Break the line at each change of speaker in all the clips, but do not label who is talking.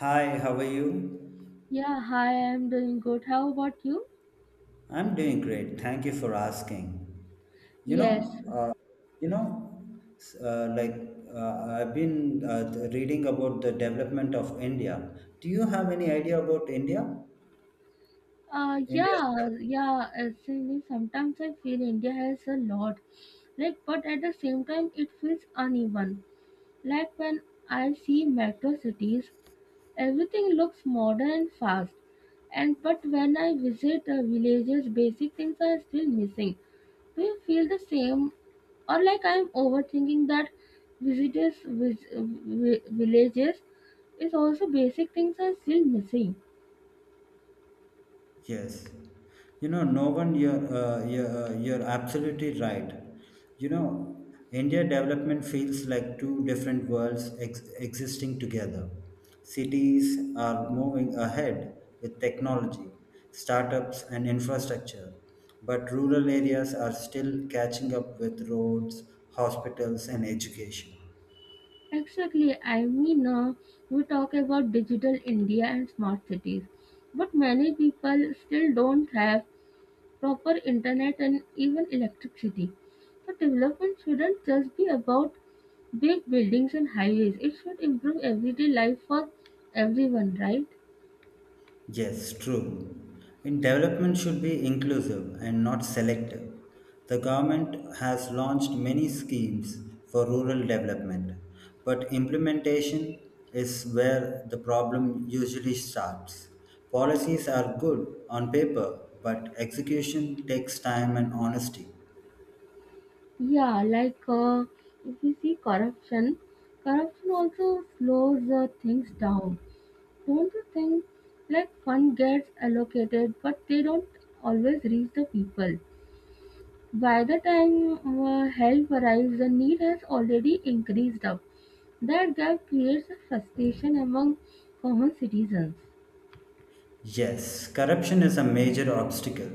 Hi, how are you?
Yeah, hi, I'm doing good. How about you?
I'm doing great. Thank you for asking. You know,
Yes.
uh, you know, s- like I've been reading about the development of India. Do you have any idea about India? India?
Yeah, yeah, actually, sometimes I feel India has a lot. Like, but at the same time, it feels uneven. Like when I see metro cities, everything looks modern and fast, and but when I visit villages, basic things are still missing. Do you feel the same, or like I'm overthinking that visitors villages is also basic things are still missing.
Yes, you know, no one, you're absolutely right. You know, India development feels like two different worlds existing together. Cities are moving ahead with technology, startups, and infrastructure, but rural areas are still catching up with roads, hospitals, and education.
Exactly. We talk about digital India and smart cities, but many people still don't have proper internet and even electricity. So development shouldn't just be about big buildings and highways. It should improve everyday life for everyone, right?
Yes, true. And development should be inclusive and not selective. The government has launched many schemes for rural development, but implementation is where the problem usually starts. Policies are good on paper, but execution takes time and honesty.
Yeah, like if we see corruption also slows things down. Don't you think? Like fund gets allocated, but they don't always reach the people. By the time help arrives, the need has already increased up. That gap creates a frustration among common citizens.
Yes, corruption is a major obstacle.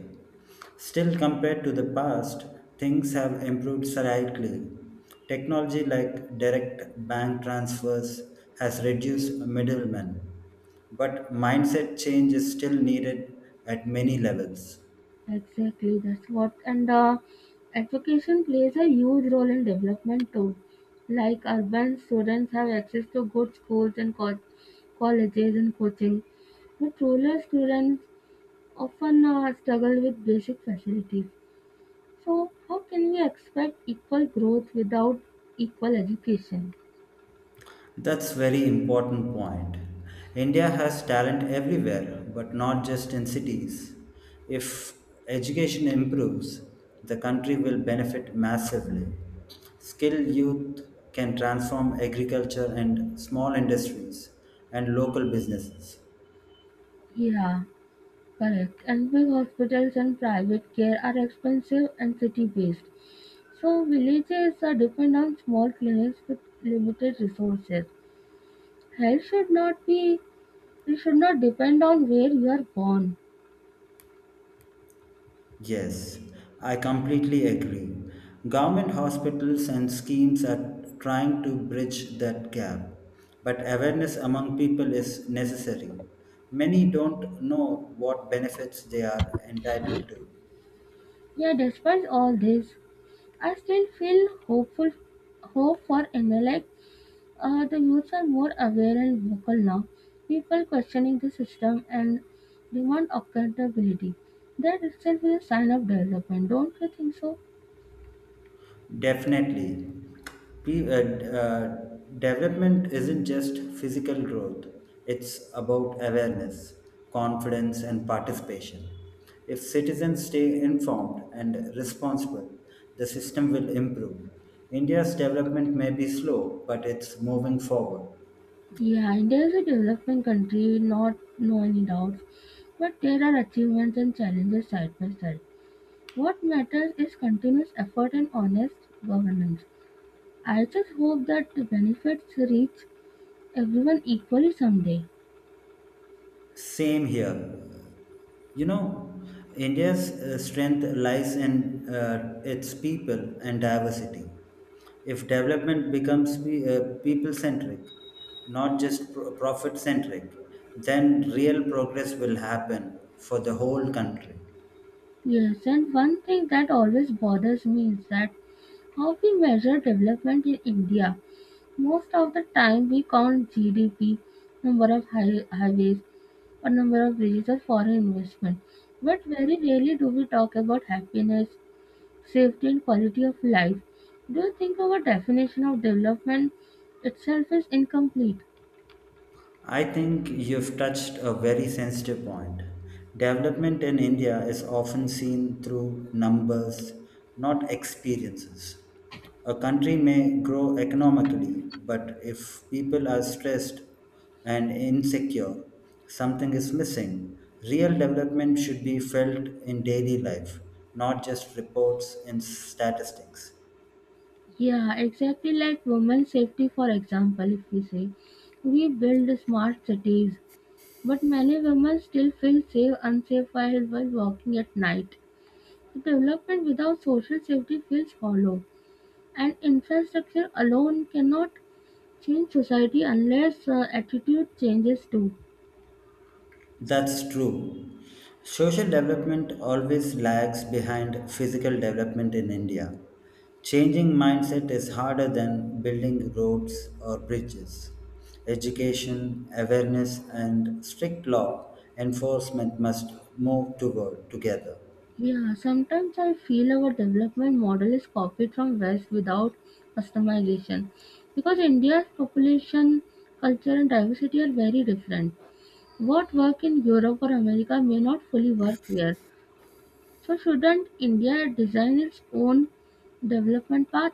Still, compared to the past, things have improved slightly. Technology like direct bank transfers has reduced middlemen, but mindset change is still needed at many levels.
Exactly, that's what. And education plays a huge role in development too. Like urban students have access to good schools and colleges and coaching, but rural students often struggle with basic facilities. So, how can we expect equal growth without equal education?
That's very important point. India has talent everywhere, but not just in cities. If education improves, the country will benefit massively. Skilled youth can transform agriculture and small industries and local businesses.
Yeah, correct. And big hospitals and private care are expensive and city based. So villages are depend on small clinics with limited resources. Health should not be, it should not depend on where you are born.
Yes, I completely agree. Government hospitals and schemes are trying to bridge that gap, but awareness among people is necessary. Many don't know what benefits they are entitled to.
Yeah, despite all this, I still feel hope for NLX. The youths are more aware and vocal now. People questioning the system and demand accountability. That itself is a sign of development, don't you think so?
Definitely. Pe- uh, d- uh, development isn't just physical growth, it's about awareness, confidence, and participation. If citizens stay informed and responsible, the system will improve. India's development may be slow, but it's moving forward.
Yeah, India is a developing country, not no any doubts, but there are achievements and challenges side by side. What matters is continuous effort and honest governance. I just hope that the benefits reach everyone equally someday.
Same here. You know, India's strength lies in its people and diversity. If development becomes people centric, not just profit centric, then real progress will happen for the whole country.
Yes, and one thing that always bothers me is that how we measure development in India. Most of the time, we count GDP, number of highways, a number of reasons for an investment. But very rarely do we talk about happiness, safety, and quality of life. Do you think our definition of development itself is incomplete?
I think you've touched a very sensitive point. Development in India is often seen through numbers, not experiences. A country may grow economically, but if people are stressed and insecure, something is missing. Real development should be felt in daily life, not just reports and statistics.
Yeah, exactly like women's safety, for example, if we say we build smart cities, but many women still unsafe while walking at night. So development without social safety feels hollow, and infrastructure alone cannot change society unless attitude changes too.
That's true. Social development always lags behind physical development in India. Changing mindset is harder than building roads or bridges. Education, awareness, and strict law enforcement must move toward together.
Yeah, sometimes I feel our development model is copied from West without customization because India's population, culture, and diversity are very different. What work in Europe or America may not fully work here. So, shouldn't India design its own development path?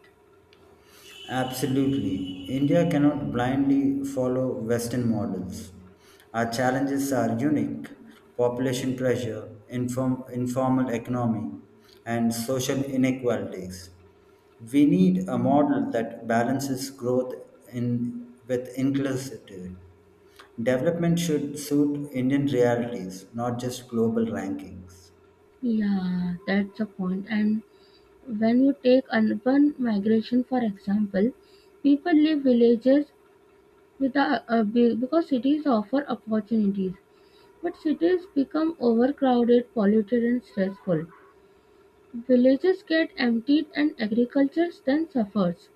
Absolutely. India cannot blindly follow Western models. Our challenges are unique population pressure, informal economy, and social inequalities. We need a model that balances growth with inclusivity. Development should suit Indian realities, not just global rankings.
Yeah, that's a point. And when you take urban migration, for example, people leave villages with because cities offer opportunities, but cities become overcrowded, polluted, and stressful. Villages get emptied, and agriculture then suffers.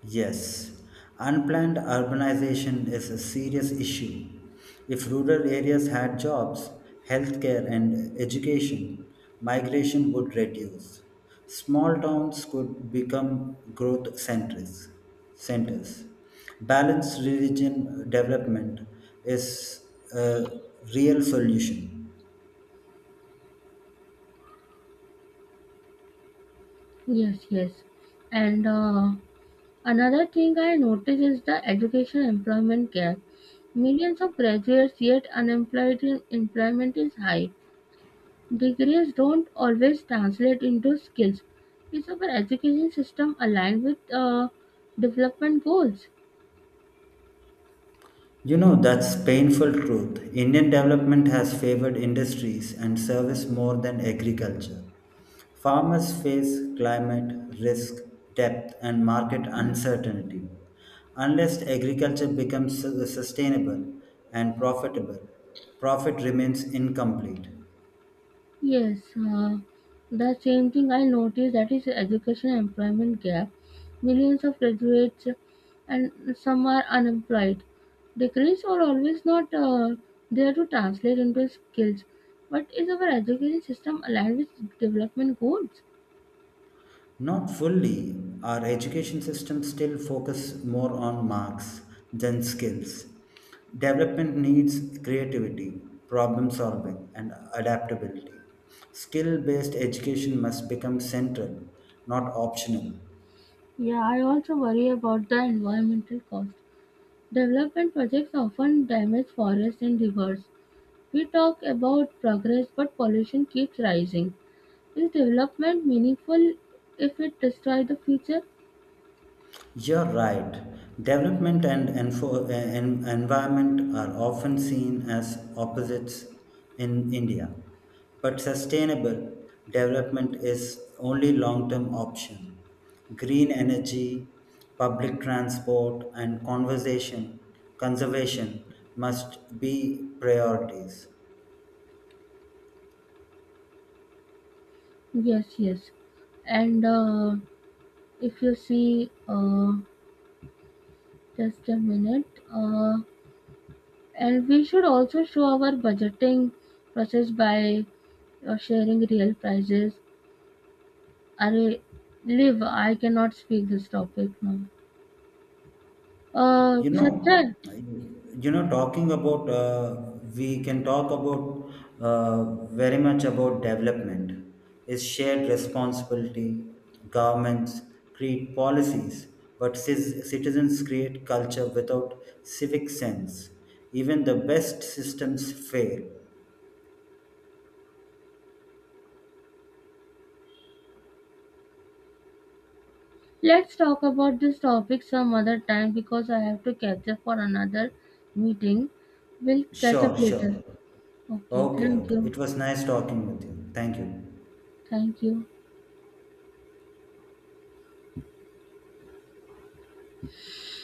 Yes, unplanned urbanization is a serious issue. If rural areas had jobs, healthcare, and education, migration would reduce. Small towns could become growth centers. Balanced religion development is a real solution.
Yes. And another thing I notice is the education employment gap. Millions of graduates yet unemployed in employment is high. Degrees don't always translate into skills. Is our education system aligned with development goals?
You know, that's painful truth. Indian development has favored industries and service more than agriculture. Farmers face climate risk, depth, and market uncertainty. Unless agriculture becomes sustainable and profitable, profit remains incomplete.
Yes, the same thing I noticed that is education and employment gap. Millions of graduates and some are unemployed. Degrees are always not there to translate into skills. But is our education system aligned with development goals?
Not fully. Our education system still focus more on marks than skills. Development needs creativity, problem solving, and adaptability. Skill based education must become central, not optional.
Yeah, I also worry about the environmental cost. Development projects often damage forests and rivers. We talk about progress, but pollution keeps rising. Is development meaningful if it destroys the future?
You're right. Development and environment are often seen as opposites in India, but sustainable development is only long-term option. Green energy, public transport, and conversation conservation must be priorities.
Yes. And if you see, just a minute. And we should also show our budgeting process by sharing real prices. Array, live? I cannot speak this topic now. Sanjay,
We can talk about very much about development is shared responsibility. Governments create policies, but citizens create culture without civic sense. Even the best systems fail.
let's talk about this topic some other time because I have to catch up for another meeting. We'll catch
Sure,
up later.
sure.
Okay,
Okay,
thank
okay.
you.
It was nice talking with you. Thank you.
Thank you.